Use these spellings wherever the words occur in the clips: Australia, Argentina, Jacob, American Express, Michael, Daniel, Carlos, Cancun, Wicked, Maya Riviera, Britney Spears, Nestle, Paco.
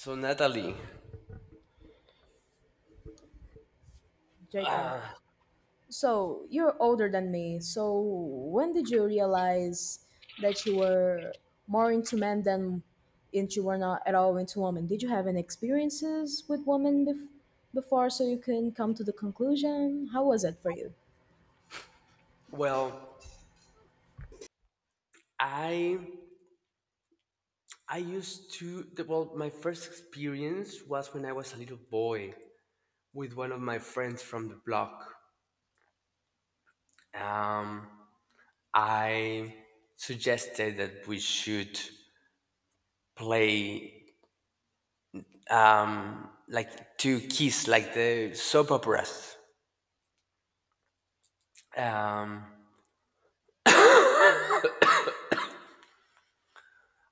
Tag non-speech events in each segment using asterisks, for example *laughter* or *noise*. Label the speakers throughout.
Speaker 1: So Natalie,
Speaker 2: Jacob, so you're older than me. So when did you realize that you were more into men than into were not at all into women? Did you have any experiences with women before so you can come to the conclusion? How was it for you?
Speaker 1: well, I I used to well, my first experience was when I was a little boy with one of my friends from the block. Um, I suggested that we should play like two keys, like the soap operas, um,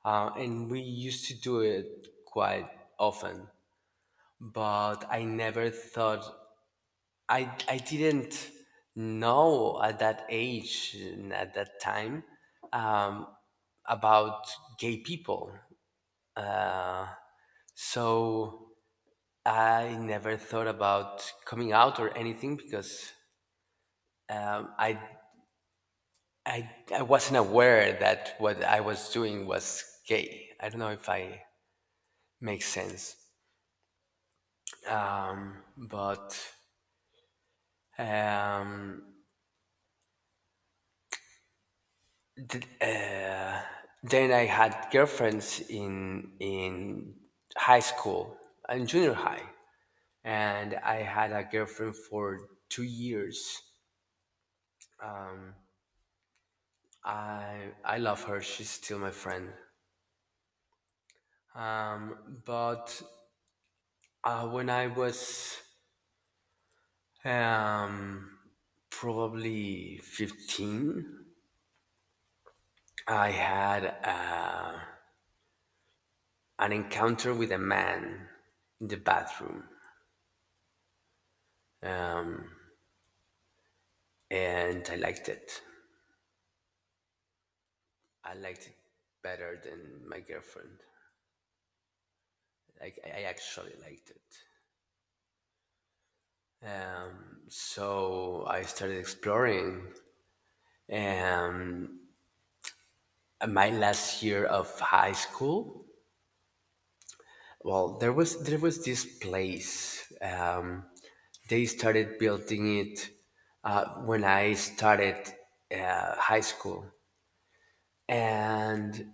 Speaker 1: and we used to do it quite often. But I never thought I didn't know at that age and at that time, um, about gay people, so I never thought about coming out or anything because um, I I wasn't aware that what I was doing was gay. I don't know if I make sense, but um, th- uh, then I had girlfriends in high school and junior high, and I had a girlfriend for 2 years. I love her. She's still my friend. But When I was, um, probably 15, I had an encounter with a man in the bathroom, um, and I liked it. I liked it better than my girlfriend. Like I actually liked it. So I started exploring. Um, my last year of high school, well, there was this place. They started building it when I started high school, and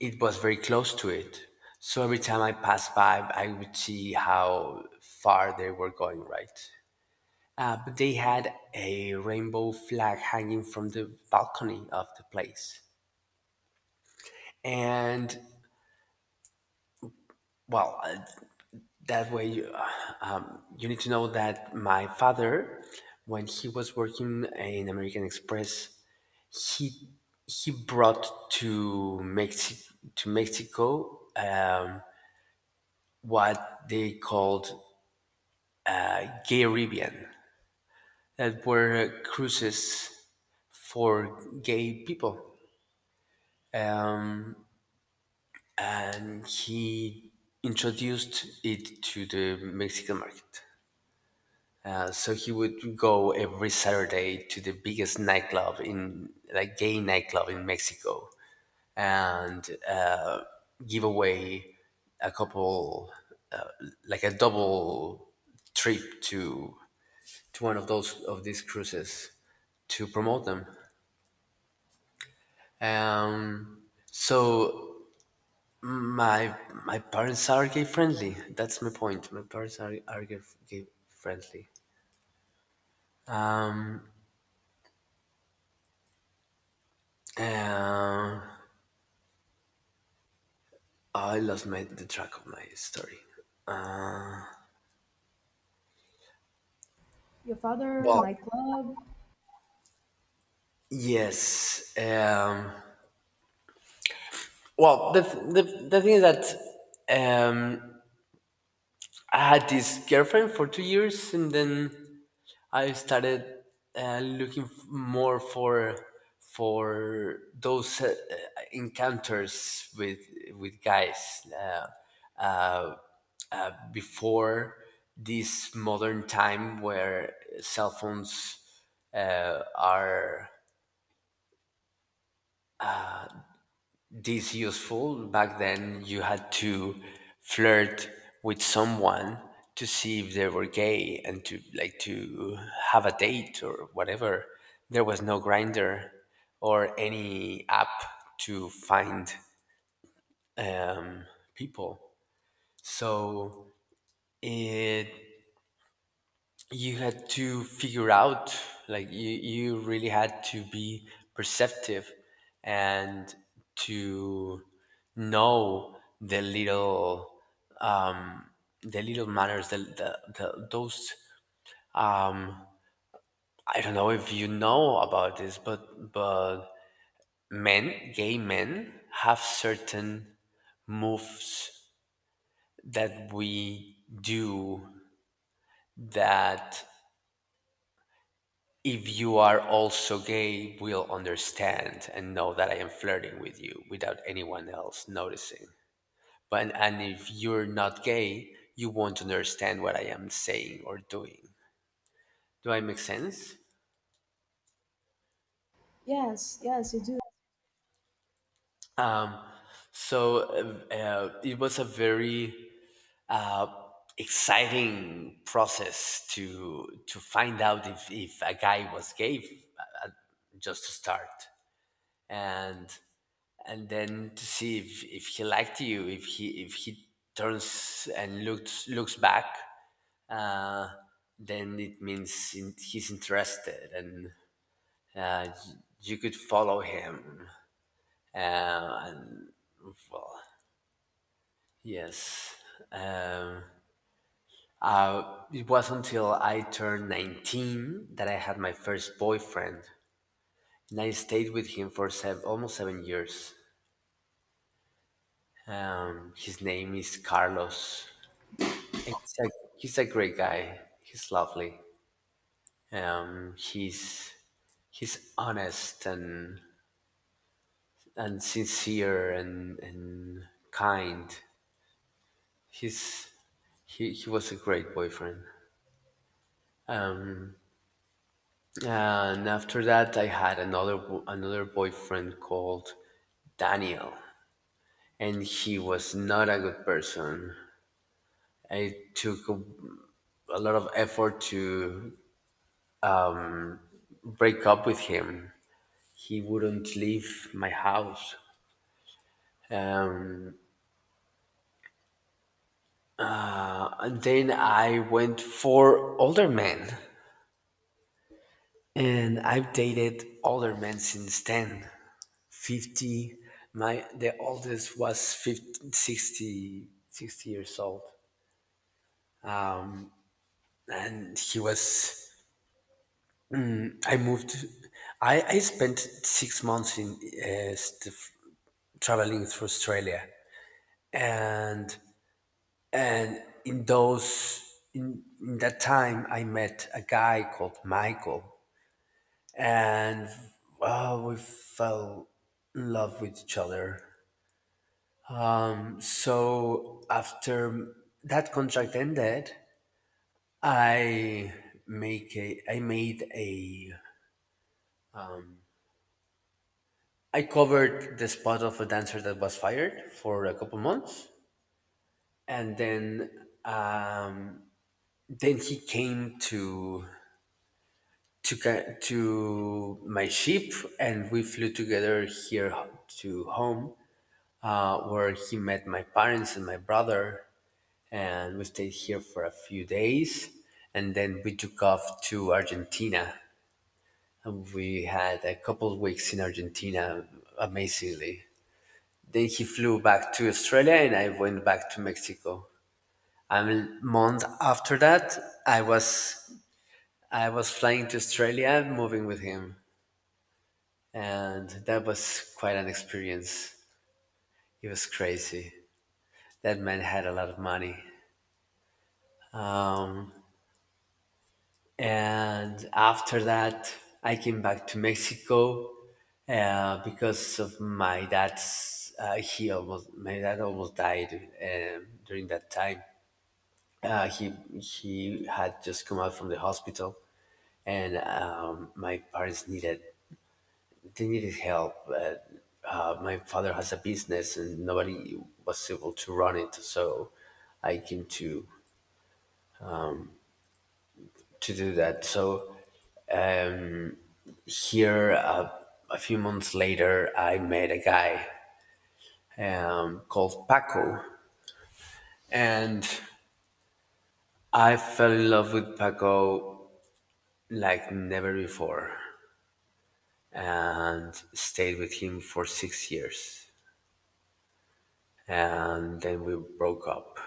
Speaker 1: it was very close to it. So every time I passed by, I would see how far they were going, right? But they had a rainbow flag hanging from the balcony of the place. And well, that way you, you need to know that my father, when he was working in American Express, he he brought to Mexico what they called a gay Caribbean, that were cruises for gay people. Um, and he introduced it to the Mexican market. So he would go every Saturday to the biggest nightclub in, like, gay nightclub in Mexico, and give away a couple, uh, like a double trip to one of those of these cruises to promote them. Um, so My my parents are gay friendly. That's my point. My parents are gay, gay friendly. Um, I lost my the track of my story.
Speaker 2: Your father,
Speaker 1: Well,
Speaker 2: nightclub?
Speaker 1: yes. Well, the, th- the thing is that, um, I had this girlfriend for 2 years, and then I started looking more for those, encounters with guys. Uh, Before this modern time where cell phones are this useful. Back then, you had to flirt with someone to see if they were gay and to like to have a date or whatever. There was no grinder or any app to find, um, people. So it you had to figure out like you really had to be perceptive and to know the little, um, the little manners, the those, um, I don't know if you know about this, but men, gay men, have certain moves that we do that if you are also gay, will understand and know that I am flirting with you without anyone else noticing. But and if you're not gay, you won't understand what I am saying or doing. Do I make sense?
Speaker 2: Yes, yes, you do.
Speaker 1: So, it was a very, uh, exciting process to find out if a guy was gay, uh, just to start. and and then to see if he liked you, if he turns and looks back, uh, then it means he's interested. And uh, y- you could follow him. And well Yes, um, it was until I turned 19 that I had my first boyfriend. And I stayed with him for almost 7 years. His name is Carlos. And he's a great guy. He's lovely. Um, he's he's honest and sincere, and kind. He's he was a great boyfriend. Um, and after that, I had another another boyfriend called Daniel, and he was not a good person. It took a lot of effort to break up with him. He wouldn't leave my house. Um, And then I went for older men, and I've dated older men since then. 50, my the oldest was 50, 60 years old, and he was. I moved. I spent 6 months in, traveling through Australia, and and in those in that time I met a guy called Michael, and well, we fell in love with each other. So after that contract ended, I make a, I made a, I covered the spot of a dancer that was fired for a couple months, and then, then he came to to my ship, and we flew together to home, where he met my parents and my brother, and we stayed here for a few days, and then we took off to Argentina. We had a couple of weeks in Argentina, amazingly. Then he flew back to Australia, and I went back to Mexico. A month after that, I was I was flying to Australia, moving with him, and that was quite an experience. It was crazy. That man had a lot of money. Um, And after that, I came back to Mexico, because of my dad's. He almost My dad almost died, during that time. Uh, he he had just come out from the hospital, and, my parents needed, they needed help. My father has a business, and nobody was able to run it, so I came to do that. So. Uh, Here, a few months later I met a guy, called Paco, and I fell in love with Paco like never before and stayed with him for 6 years, and then we broke up.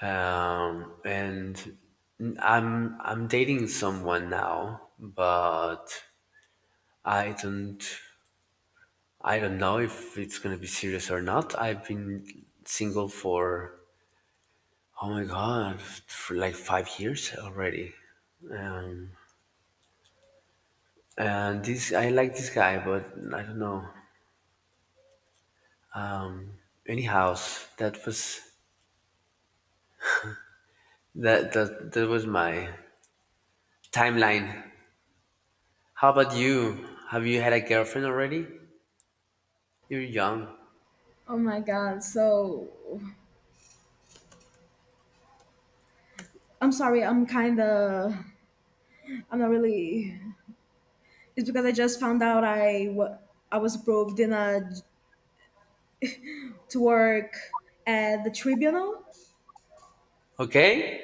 Speaker 1: And I'm I'm dating someone now, but i don't I don't know if it's gonna be serious or not. I've been single for, oh my god, for like 5 years already. Um, and this, I like this guy, but I don't know. Um, Anyhow, that was that was my timeline. How about you? Have you had a girlfriend already? You're young.
Speaker 2: Oh my god, so I'm sorry, I'm kinda, I'm not really, it's because I just found out I was approved in a to work at the tribunal,
Speaker 1: Okay.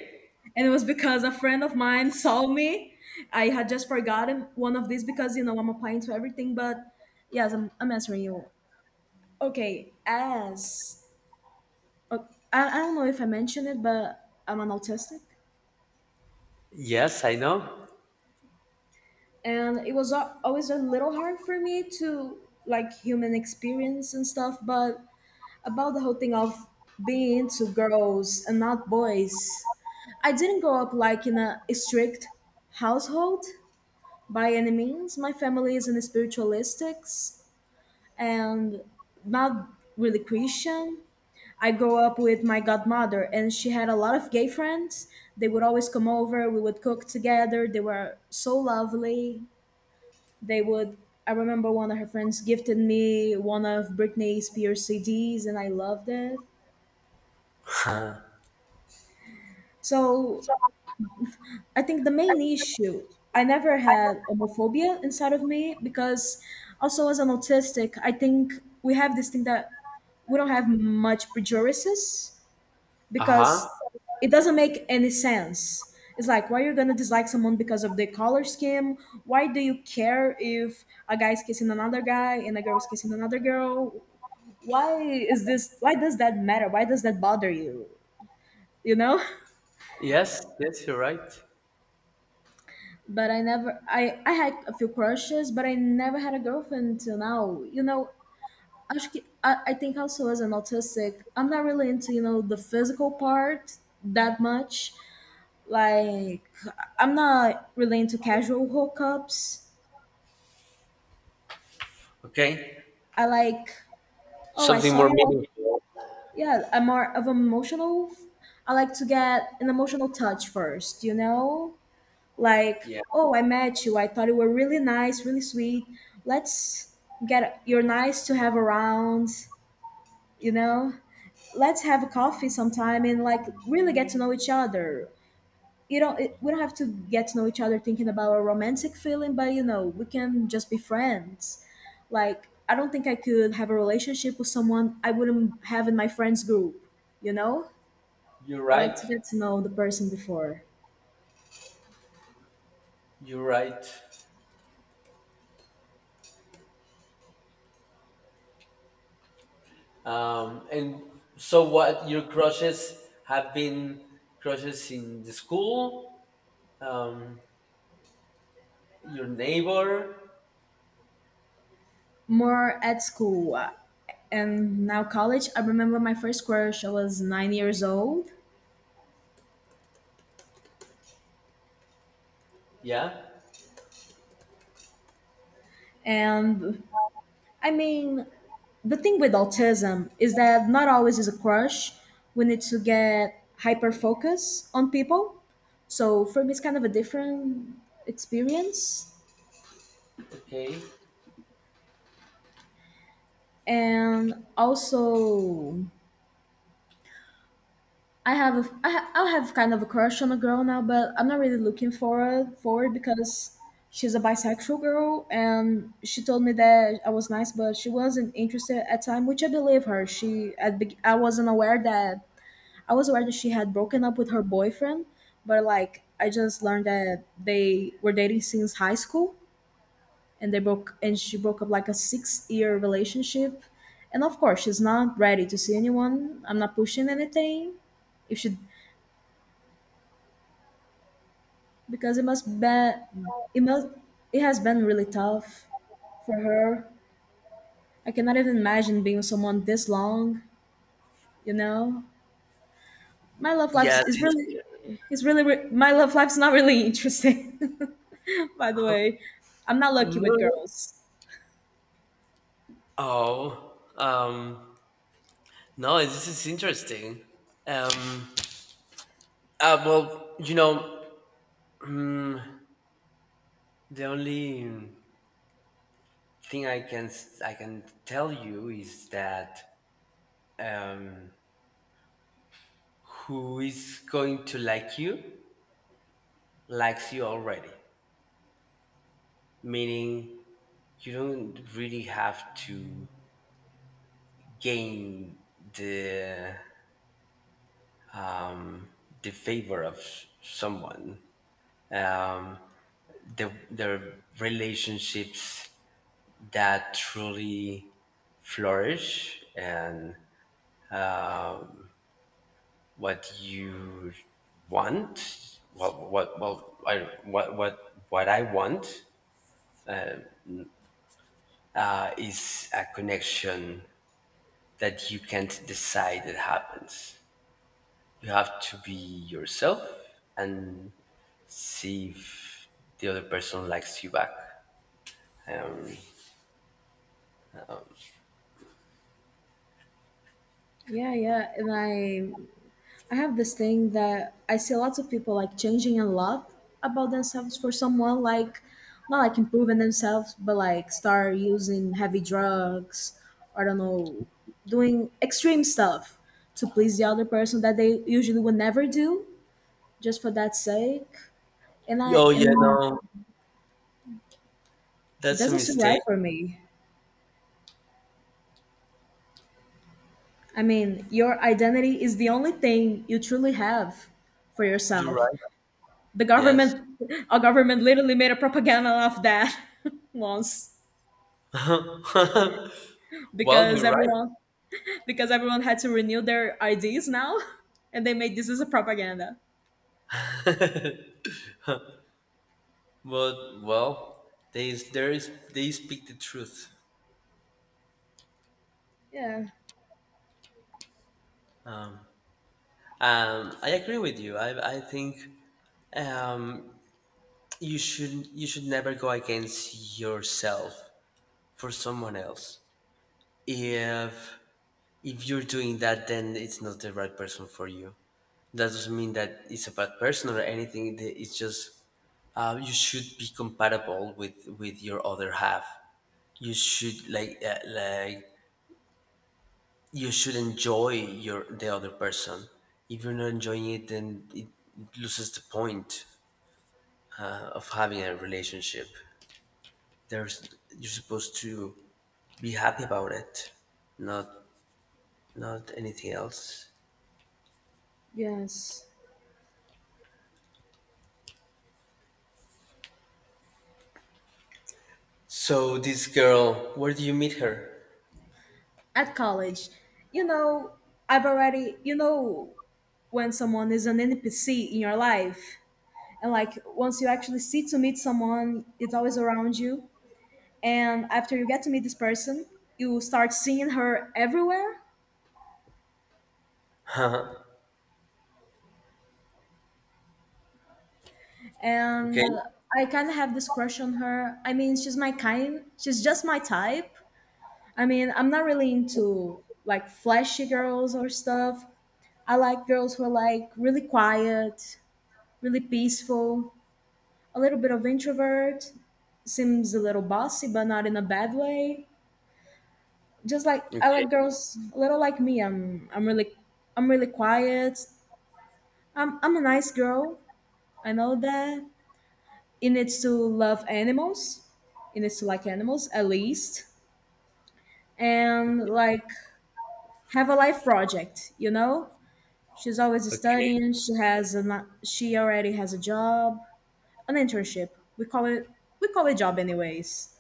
Speaker 2: and it was because a friend of mine *laughs* saw me. I had just forgotten one of these because you know I'm applying to everything, but yes I'm answering you. Okay, as o- I don't know if I mentioned it, but I'm an autistic,
Speaker 1: Yes, I know.
Speaker 2: and it was always a little hard for me to like human experience and stuff, but about the whole thing of being into girls and not boys, I didn't grow up like in a strict household by any means. My family isn't spiritualistic and not really Christian. I grew up with my godmother, and she had a lot of gay friends. They would always come over. We would cook together. They were so lovely. They would. I remember one of her friends gifted me one of Britney Spears CDs, and I loved it. So I think the main issue, I never had homophobia inside of me because also as an autistic, I think we have this thing that we don't have much prejudices
Speaker 1: Uh huh.
Speaker 2: because it doesn't make any sense. It's like, why are you going to dislike someone because of their color scheme? Why do you care if a guy is kissing another guy and a girl is kissing another girl? Why is this, why does that matter? Why does that bother you? You know? *laughs*
Speaker 1: Yes, yes, you're right.
Speaker 2: But I never, I had a few crushes, but I never had a girlfriend until now. You know, acho que I think also as an autistic, I'm not really into the physical part that much. Like I'm not really into casual hookups.
Speaker 1: Okay.
Speaker 2: I like, oh I
Speaker 1: Something
Speaker 2: saw
Speaker 1: more
Speaker 2: you.
Speaker 1: meaningful.
Speaker 2: Yeah, I'm more of an emotional. I like to get an emotional touch first, you know, like,
Speaker 1: Yeah,
Speaker 2: oh I met you, I thought you were really nice, really sweet. Let's get, you're nice to have around, you know. Let's have a coffee sometime and like really get to know each other. You don't, it, we don't have to get to know each other thinking about a romantic feeling, but you know we can just be friends. Like I don't think I could have a relationship with someone I wouldn't have in my friends group, you know.
Speaker 1: you're
Speaker 2: I like
Speaker 1: right.
Speaker 2: to get to know the person before.
Speaker 1: You're right. And so, what your crushes have been, crushes in the school, um, your neighbor?
Speaker 2: More at school, and now college. I remember my first crush, I was 9 years old.
Speaker 1: Yeah.
Speaker 2: And I mean, the thing with autism is that not always is a crush. We need to get hyper focus on people. So for me, it's kind of a different experience.
Speaker 1: Okay.
Speaker 2: And also, I'll have kind of a crush on a girl now, but I'm not really looking for forward because she's a bisexual girl and she told me that I was nice, but she wasn't interested at time, which I believe her. She I wasn't aware that I was aware that she had broken up with her boyfriend, but like I just learned that they were dating since high school, and they broke and she broke up like a 6 year relationship. And of course she's not ready to see anyone. I'm not pushing anything. If she, because it must be, it must, it has been really tough for her. I cannot even imagine being with someone this long, you know. My love life
Speaker 1: Yes.
Speaker 2: is really my love life's not really interesting. *laughs* By the way, I'm not lucky
Speaker 1: No.
Speaker 2: with
Speaker 1: No.
Speaker 2: girls.
Speaker 1: Oh. No. This is interesting. Um, well, you know, mm, the only thing I can tell you is that, um, who is going to like you likes you already. Meaning you don't really have to gain the favor of someone. Um, the relationships that truly flourish and what you want. Well, what well I, what I want, is a connection that you can't decide it happens. You have to be yourself and see if the other person likes you back. Um,
Speaker 2: Yeah, yeah, and I I have this thing that I see lots of people like changing a lot about themselves for someone, like not like improving themselves, but like start using heavy drugs or I don't know, doing extreme stuff to please the other person that they usually would never do just for that sake. And I
Speaker 1: Oh yeah,
Speaker 2: and
Speaker 1: no,
Speaker 2: it
Speaker 1: that's a
Speaker 2: doesn't sit
Speaker 1: mistake.
Speaker 2: right for me. I mean, your identity is the only thing you truly have for
Speaker 1: You're
Speaker 2: yourself.
Speaker 1: right.
Speaker 2: The
Speaker 1: Yes.
Speaker 2: government, our government literally made a propaganda of that *laughs* once,
Speaker 1: *laughs* Well,
Speaker 2: because
Speaker 1: you're right,
Speaker 2: everyone because everyone had to renew their IDs now *laughs* and they made this as a propaganda.
Speaker 1: but well, they there is, they speak the truth.
Speaker 2: Yeah.
Speaker 1: I agree with you. I think, um you should, you should never go against yourself for someone else. If you're doing that, then it's not the right person for you. That doesn't mean that it's a bad person or anything. It's just, you should be compatible with your other half. You should like, like, you should enjoy your the other person. If you're not enjoying it, then it, loses the point, of having a relationship. There's, you're supposed to be happy about it, not not anything else.
Speaker 2: Yes.
Speaker 1: So this girl, where do you meet her?
Speaker 2: At college, you know, I've already, you know, when someone is an NPC in your life, and like once you actually see to meet someone, it's always around you, and after you get to meet this person, you start seeing her everywhere.
Speaker 1: Okay.
Speaker 2: And I kind of have this crush on her. I mean, she's my kind. She's just my type. I mean, I'm not really into like flashy girls or stuff. I like girls who are like really quiet, really peaceful, a little bit of introvert, seems a little bossy but not in a bad way. Just like I
Speaker 1: Okay.
Speaker 2: like girls a little like me. I'm really, I'm really quiet. I'm a nice girl. I know that. It needs to love animals, it needs to like animals at least, and
Speaker 1: Okay.
Speaker 2: like have a life project, you know. she's always
Speaker 1: Okay.
Speaker 2: studying she has a she already has a job, an internship, we call it, we call it job anyways.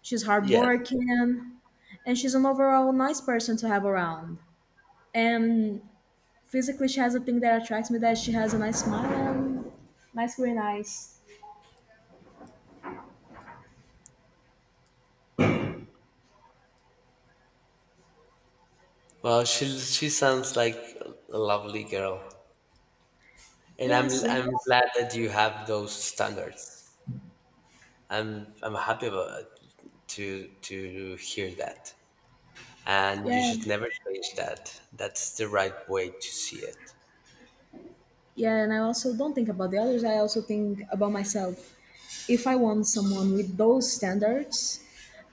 Speaker 2: She's
Speaker 1: Yes.
Speaker 2: hardworking, and she's an overall nice person to have around. And physically she has a thing that attracts me, that she has a nice smile and nice green eyes.
Speaker 1: Well, she sounds like a lovely girl. And I'm
Speaker 2: Yes,
Speaker 1: I'm
Speaker 2: yes.
Speaker 1: glad that you have those standards. I'm happy about, to hear that. And you
Speaker 2: Yeah.
Speaker 1: should never change that. That's the right way to see it.
Speaker 2: Yeah, and I also don't think about the others. I also think about myself. If I want someone with those standards,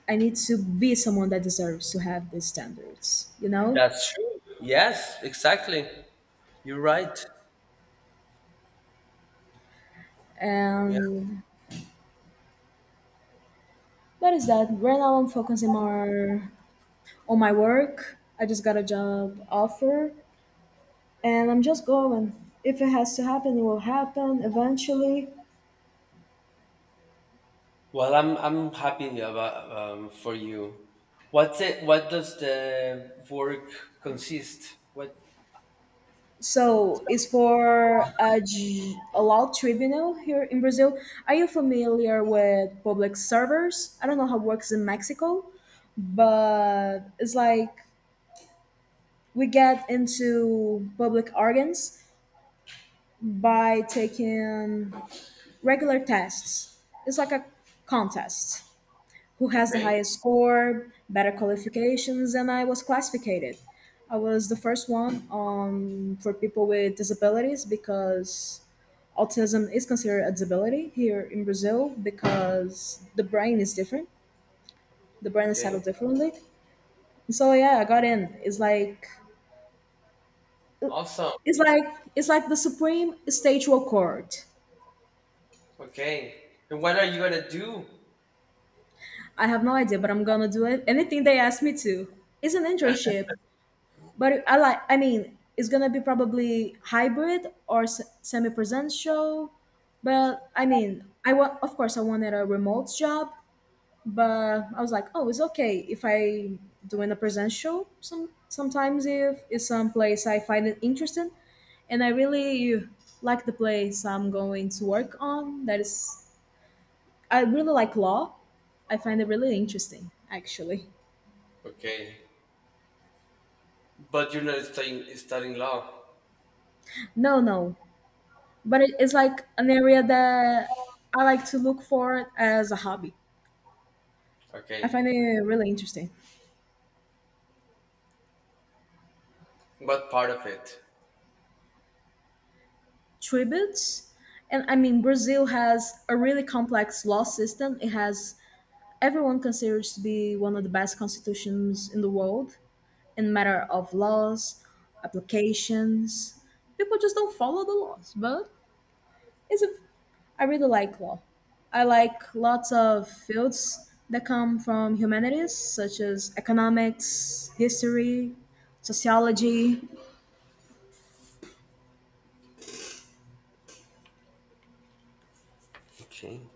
Speaker 2: I need to be someone that deserves to have these standards, you know?
Speaker 1: That's true. Yes, exactly. You're right. Yeah.
Speaker 2: And what is that? Right now I'm focusing more on my work. I just got a job offer and I'm just going. If it has to happen, it will happen eventually.
Speaker 1: Well, I'm happy about, for you. What's it? What does the work consist? What?
Speaker 2: So it's for a, a law tribunal here in Brazil. Are you familiar with public servers? I don't know how it works in Mexico, but it's like we get into public organs by taking regular tests. It's like a contest. Who has the
Speaker 1: Okay.
Speaker 2: highest score, better qualifications, and I was classified. I was the first one, for people with disabilities because autism is considered a disability here in Brazil because the brain is different. The brain is
Speaker 1: Okay.
Speaker 2: settled differently. So yeah, I got in. It's like
Speaker 1: Awesome.
Speaker 2: it's like it's like the supreme statual court.
Speaker 1: Okay. And what are you gonna do?
Speaker 2: I have no idea, but I'm gonna do it. Anything they ask me to. It's an internship. But I like. I mean, it's gonna be probably hybrid or semi-presential. But I mean, I want. Of course, I wanted a remote job, but I was like, oh, it's okay if I doing a presential. Sometimes if it's some place I find it interesting, and I really like the place I'm going to work on. That is, I really like law. I find it really interesting, actually.
Speaker 1: *laughs* Okay. But you're not studying, studying law.
Speaker 2: No, no, but it is like an area that I like to look for as a hobby.
Speaker 1: Okay.
Speaker 2: I find
Speaker 1: Okay.
Speaker 2: it really interesting.
Speaker 1: What part of it?
Speaker 2: Tributes, and I mean, Brazil has a really complex law system. It has, everyone considers to be one of the best constitutions in the world in matter of laws, applications. People just don't follow the laws, but it's a, I really like law. I like lots of fields that come from humanities, such as economics, history, sociology.
Speaker 1: Okay.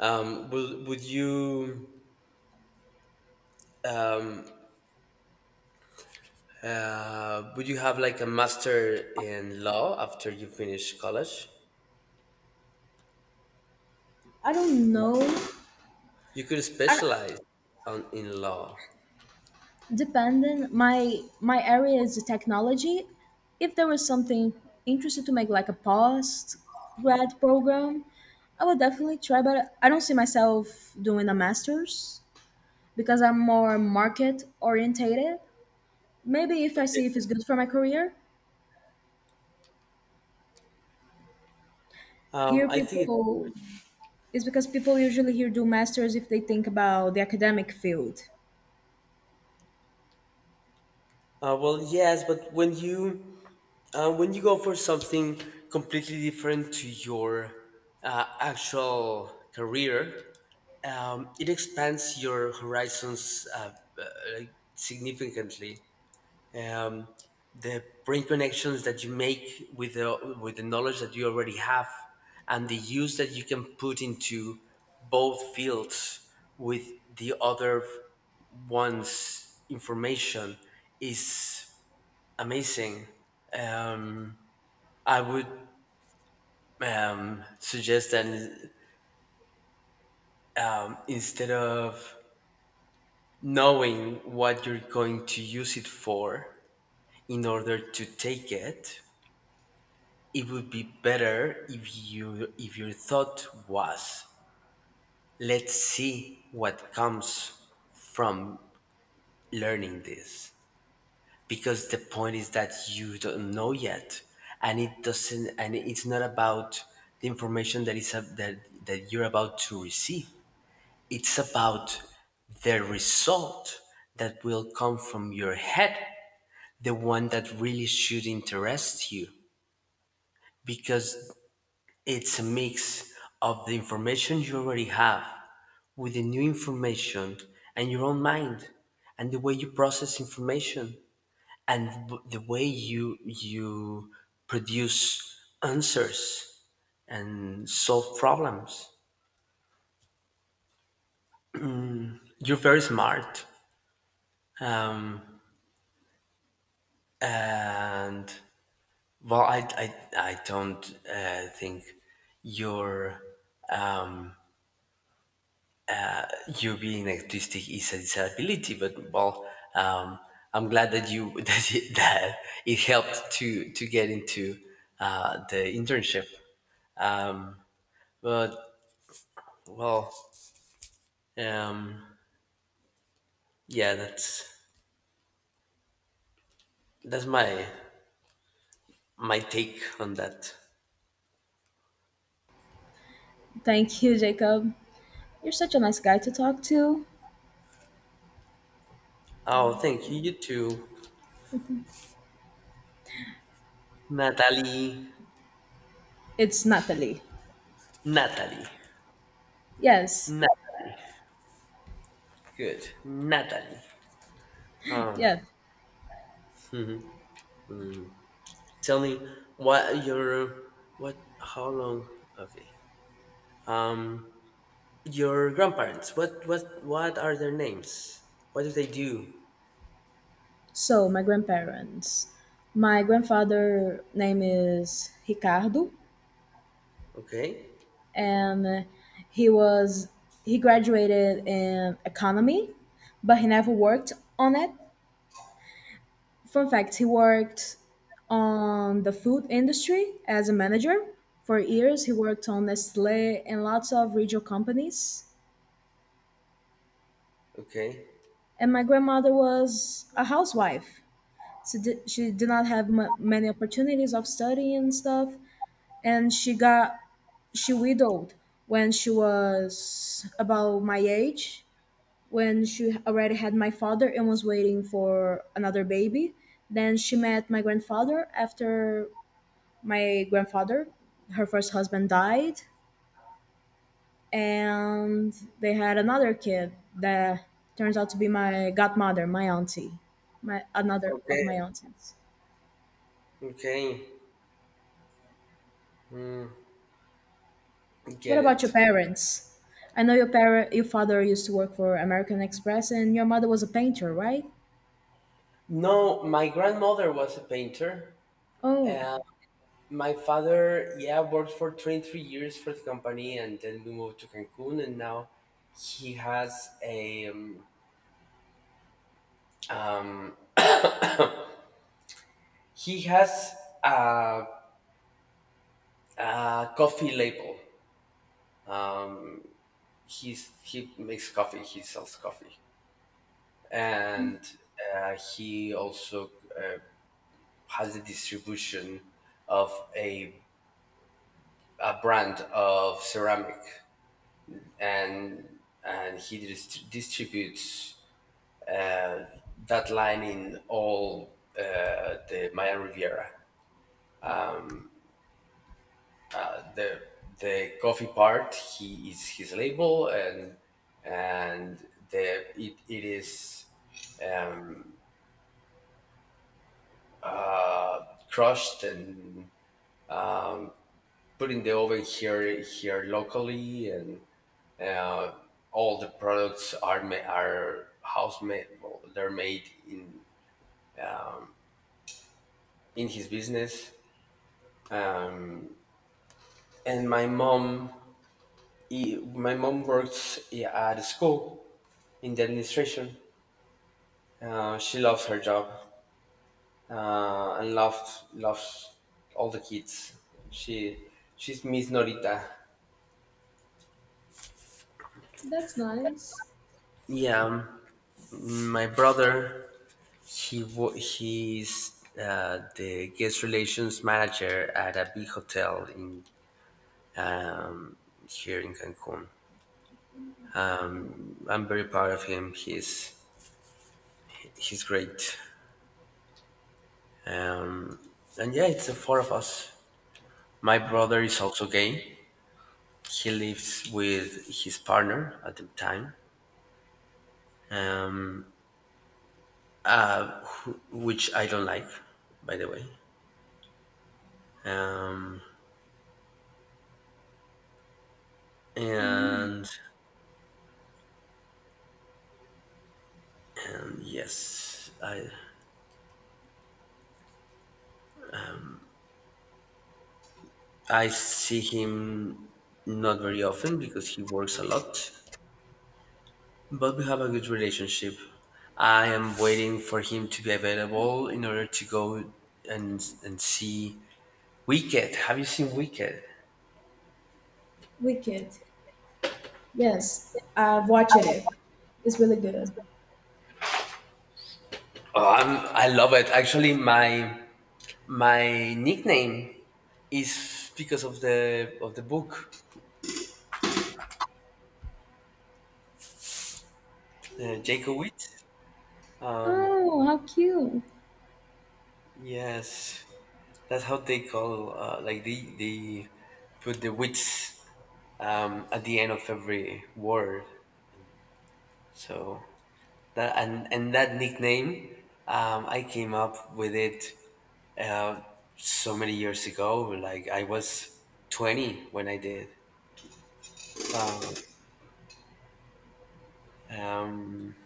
Speaker 1: Would you, would you have like a master in law after you finish college?
Speaker 2: I don't
Speaker 1: You
Speaker 2: know.
Speaker 1: could, you could
Speaker 2: I,
Speaker 1: specialize on, in law.
Speaker 2: depending, my area is the technology. If there was something interested to make like a post grad program, I would definitely try. But I don't see myself doing a master's because I'm more market orientated. Maybe if I see if it's good for my career, here,
Speaker 1: I think it's good.
Speaker 2: people is because people usually here do masters if they think about the academic field.
Speaker 1: Well, yes, but when you, when you go for something completely different to your, actual career, it expands your horizons, uh, like, significantly. Um, the brain connections that you make with the knowledge that you already have, and the use that you can put into both fields with the other one's information is amazing. Um, I would suggest that instead of knowing what you're going to use it for in order to take it, it would be better if you if your thought was, let's see what comes from learning this, because the point is that you don't know yet. And it doesn't and it's not about the information that that you're about to receive. It's about the result that will come from your head, the one that really should interest you, because it's a mix of the information you already have with the new information and your own mind and the way you process information and the way you produce answers and solve problems. You're very smart. And well, I don't think your um, you being autistic is a disability, but well, um, I'm glad that you *laughs* that it helped to get into the internship. Um, but well, um, yeah, that's that's my my take on that.
Speaker 2: Thank you, Jacob. You're such a nice guy to talk to.
Speaker 1: Oh, thank you. You too, Natalie.
Speaker 2: It's Natalie.
Speaker 1: Natalie.
Speaker 2: Yes,
Speaker 1: Natalie. Good, Natalie. Um.
Speaker 2: yeah.
Speaker 1: Tell me what your what, how long? Okay. Um, your grandparents. What are their names? What do they do?
Speaker 2: So my grandparents. My grandfather name is Ricardo,
Speaker 1: Okay.
Speaker 2: and he was, he graduated in economy, but he never worked on it. Fun fact, he worked on the food industry as a manager. For years, he worked on Nestle and lots of regional companies.
Speaker 1: Okay.
Speaker 2: And my grandmother was a housewife. So she did not have many opportunities of study and stuff. And she widowed when she was about my age, when she already had my father and was waiting for another baby. Then she met my grandfather, after my grandfather, her first husband died, and they had another kid that turns out to be my godmother, my auntie, my another of
Speaker 1: Okay.
Speaker 2: my aunties.
Speaker 1: Okay. Mm,
Speaker 2: What
Speaker 1: get
Speaker 2: about your
Speaker 1: it.
Speaker 2: parents? I know your parent, your father used to work for American Express, and your mother was a painter, right?
Speaker 1: No, my grandmother was a painter.
Speaker 2: Oh,
Speaker 1: Uh, my father, yeah, worked for 23 years for the company, and then we moved to Cancun. And now he has a he has a, a coffee label. He makes coffee. He sells coffee, and he also uh, has the distribution of a, a brand of ceramic, and distributes uh, that line in all the Maya Riviera. The the coffee part, he is his label, and it is crushed and putting the oven here locally. And uh, all the products are are house made. Well, they're made in his business. um, and my mom, i- my mom works at a school in the administration. She loves her job. And loves all the kids. She she's Miss Norita.
Speaker 2: that's nice.
Speaker 1: Yeah. My brother, he's the guest relations manager at a big hotel in here in Cancun. I'm very proud of him. He's great. Um, and yeah, it's the four of us. My brother is also gay. He lives with his partner at the time, um, which I don't like, by the way. Um, and, and yes, I see him not very often because he works a lot. But we have a good relationship. I am waiting for him to be available in order to go and see Wicked. Have you seen Wicked?
Speaker 2: Wicked. Yes, I've watched it. It's really good.
Speaker 1: Oh, I'm, I love it. Actually, my nickname is because of the book, Jacob. Um,
Speaker 2: Oh, how cute.
Speaker 1: yes, that's how they call. Like they put the wits at the end of every word. So that and that nickname, I came up with it uh, so many years ago. Like I was 20 when I did. Um,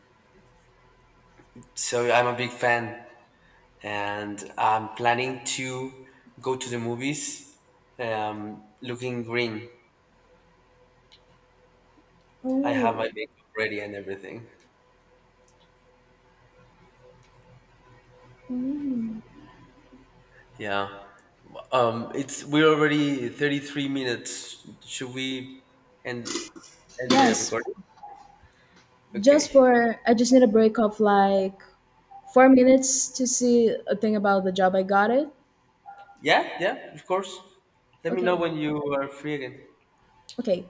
Speaker 1: so I'm a big fan, and I'm planning to go to the movies, looking green. I have my
Speaker 2: Oh,
Speaker 1: makeup ready and everything. Yeah. It's we're already 33 minutes. Should we end end the
Speaker 2: yes.
Speaker 1: recording?
Speaker 2: Just
Speaker 1: Okay.
Speaker 2: for I just need a break of like 4 minutes to see a thing about the job I got it.
Speaker 1: Yeah, yeah, of course. Let me know
Speaker 2: Okay.
Speaker 1: when you are free again.
Speaker 2: Okay.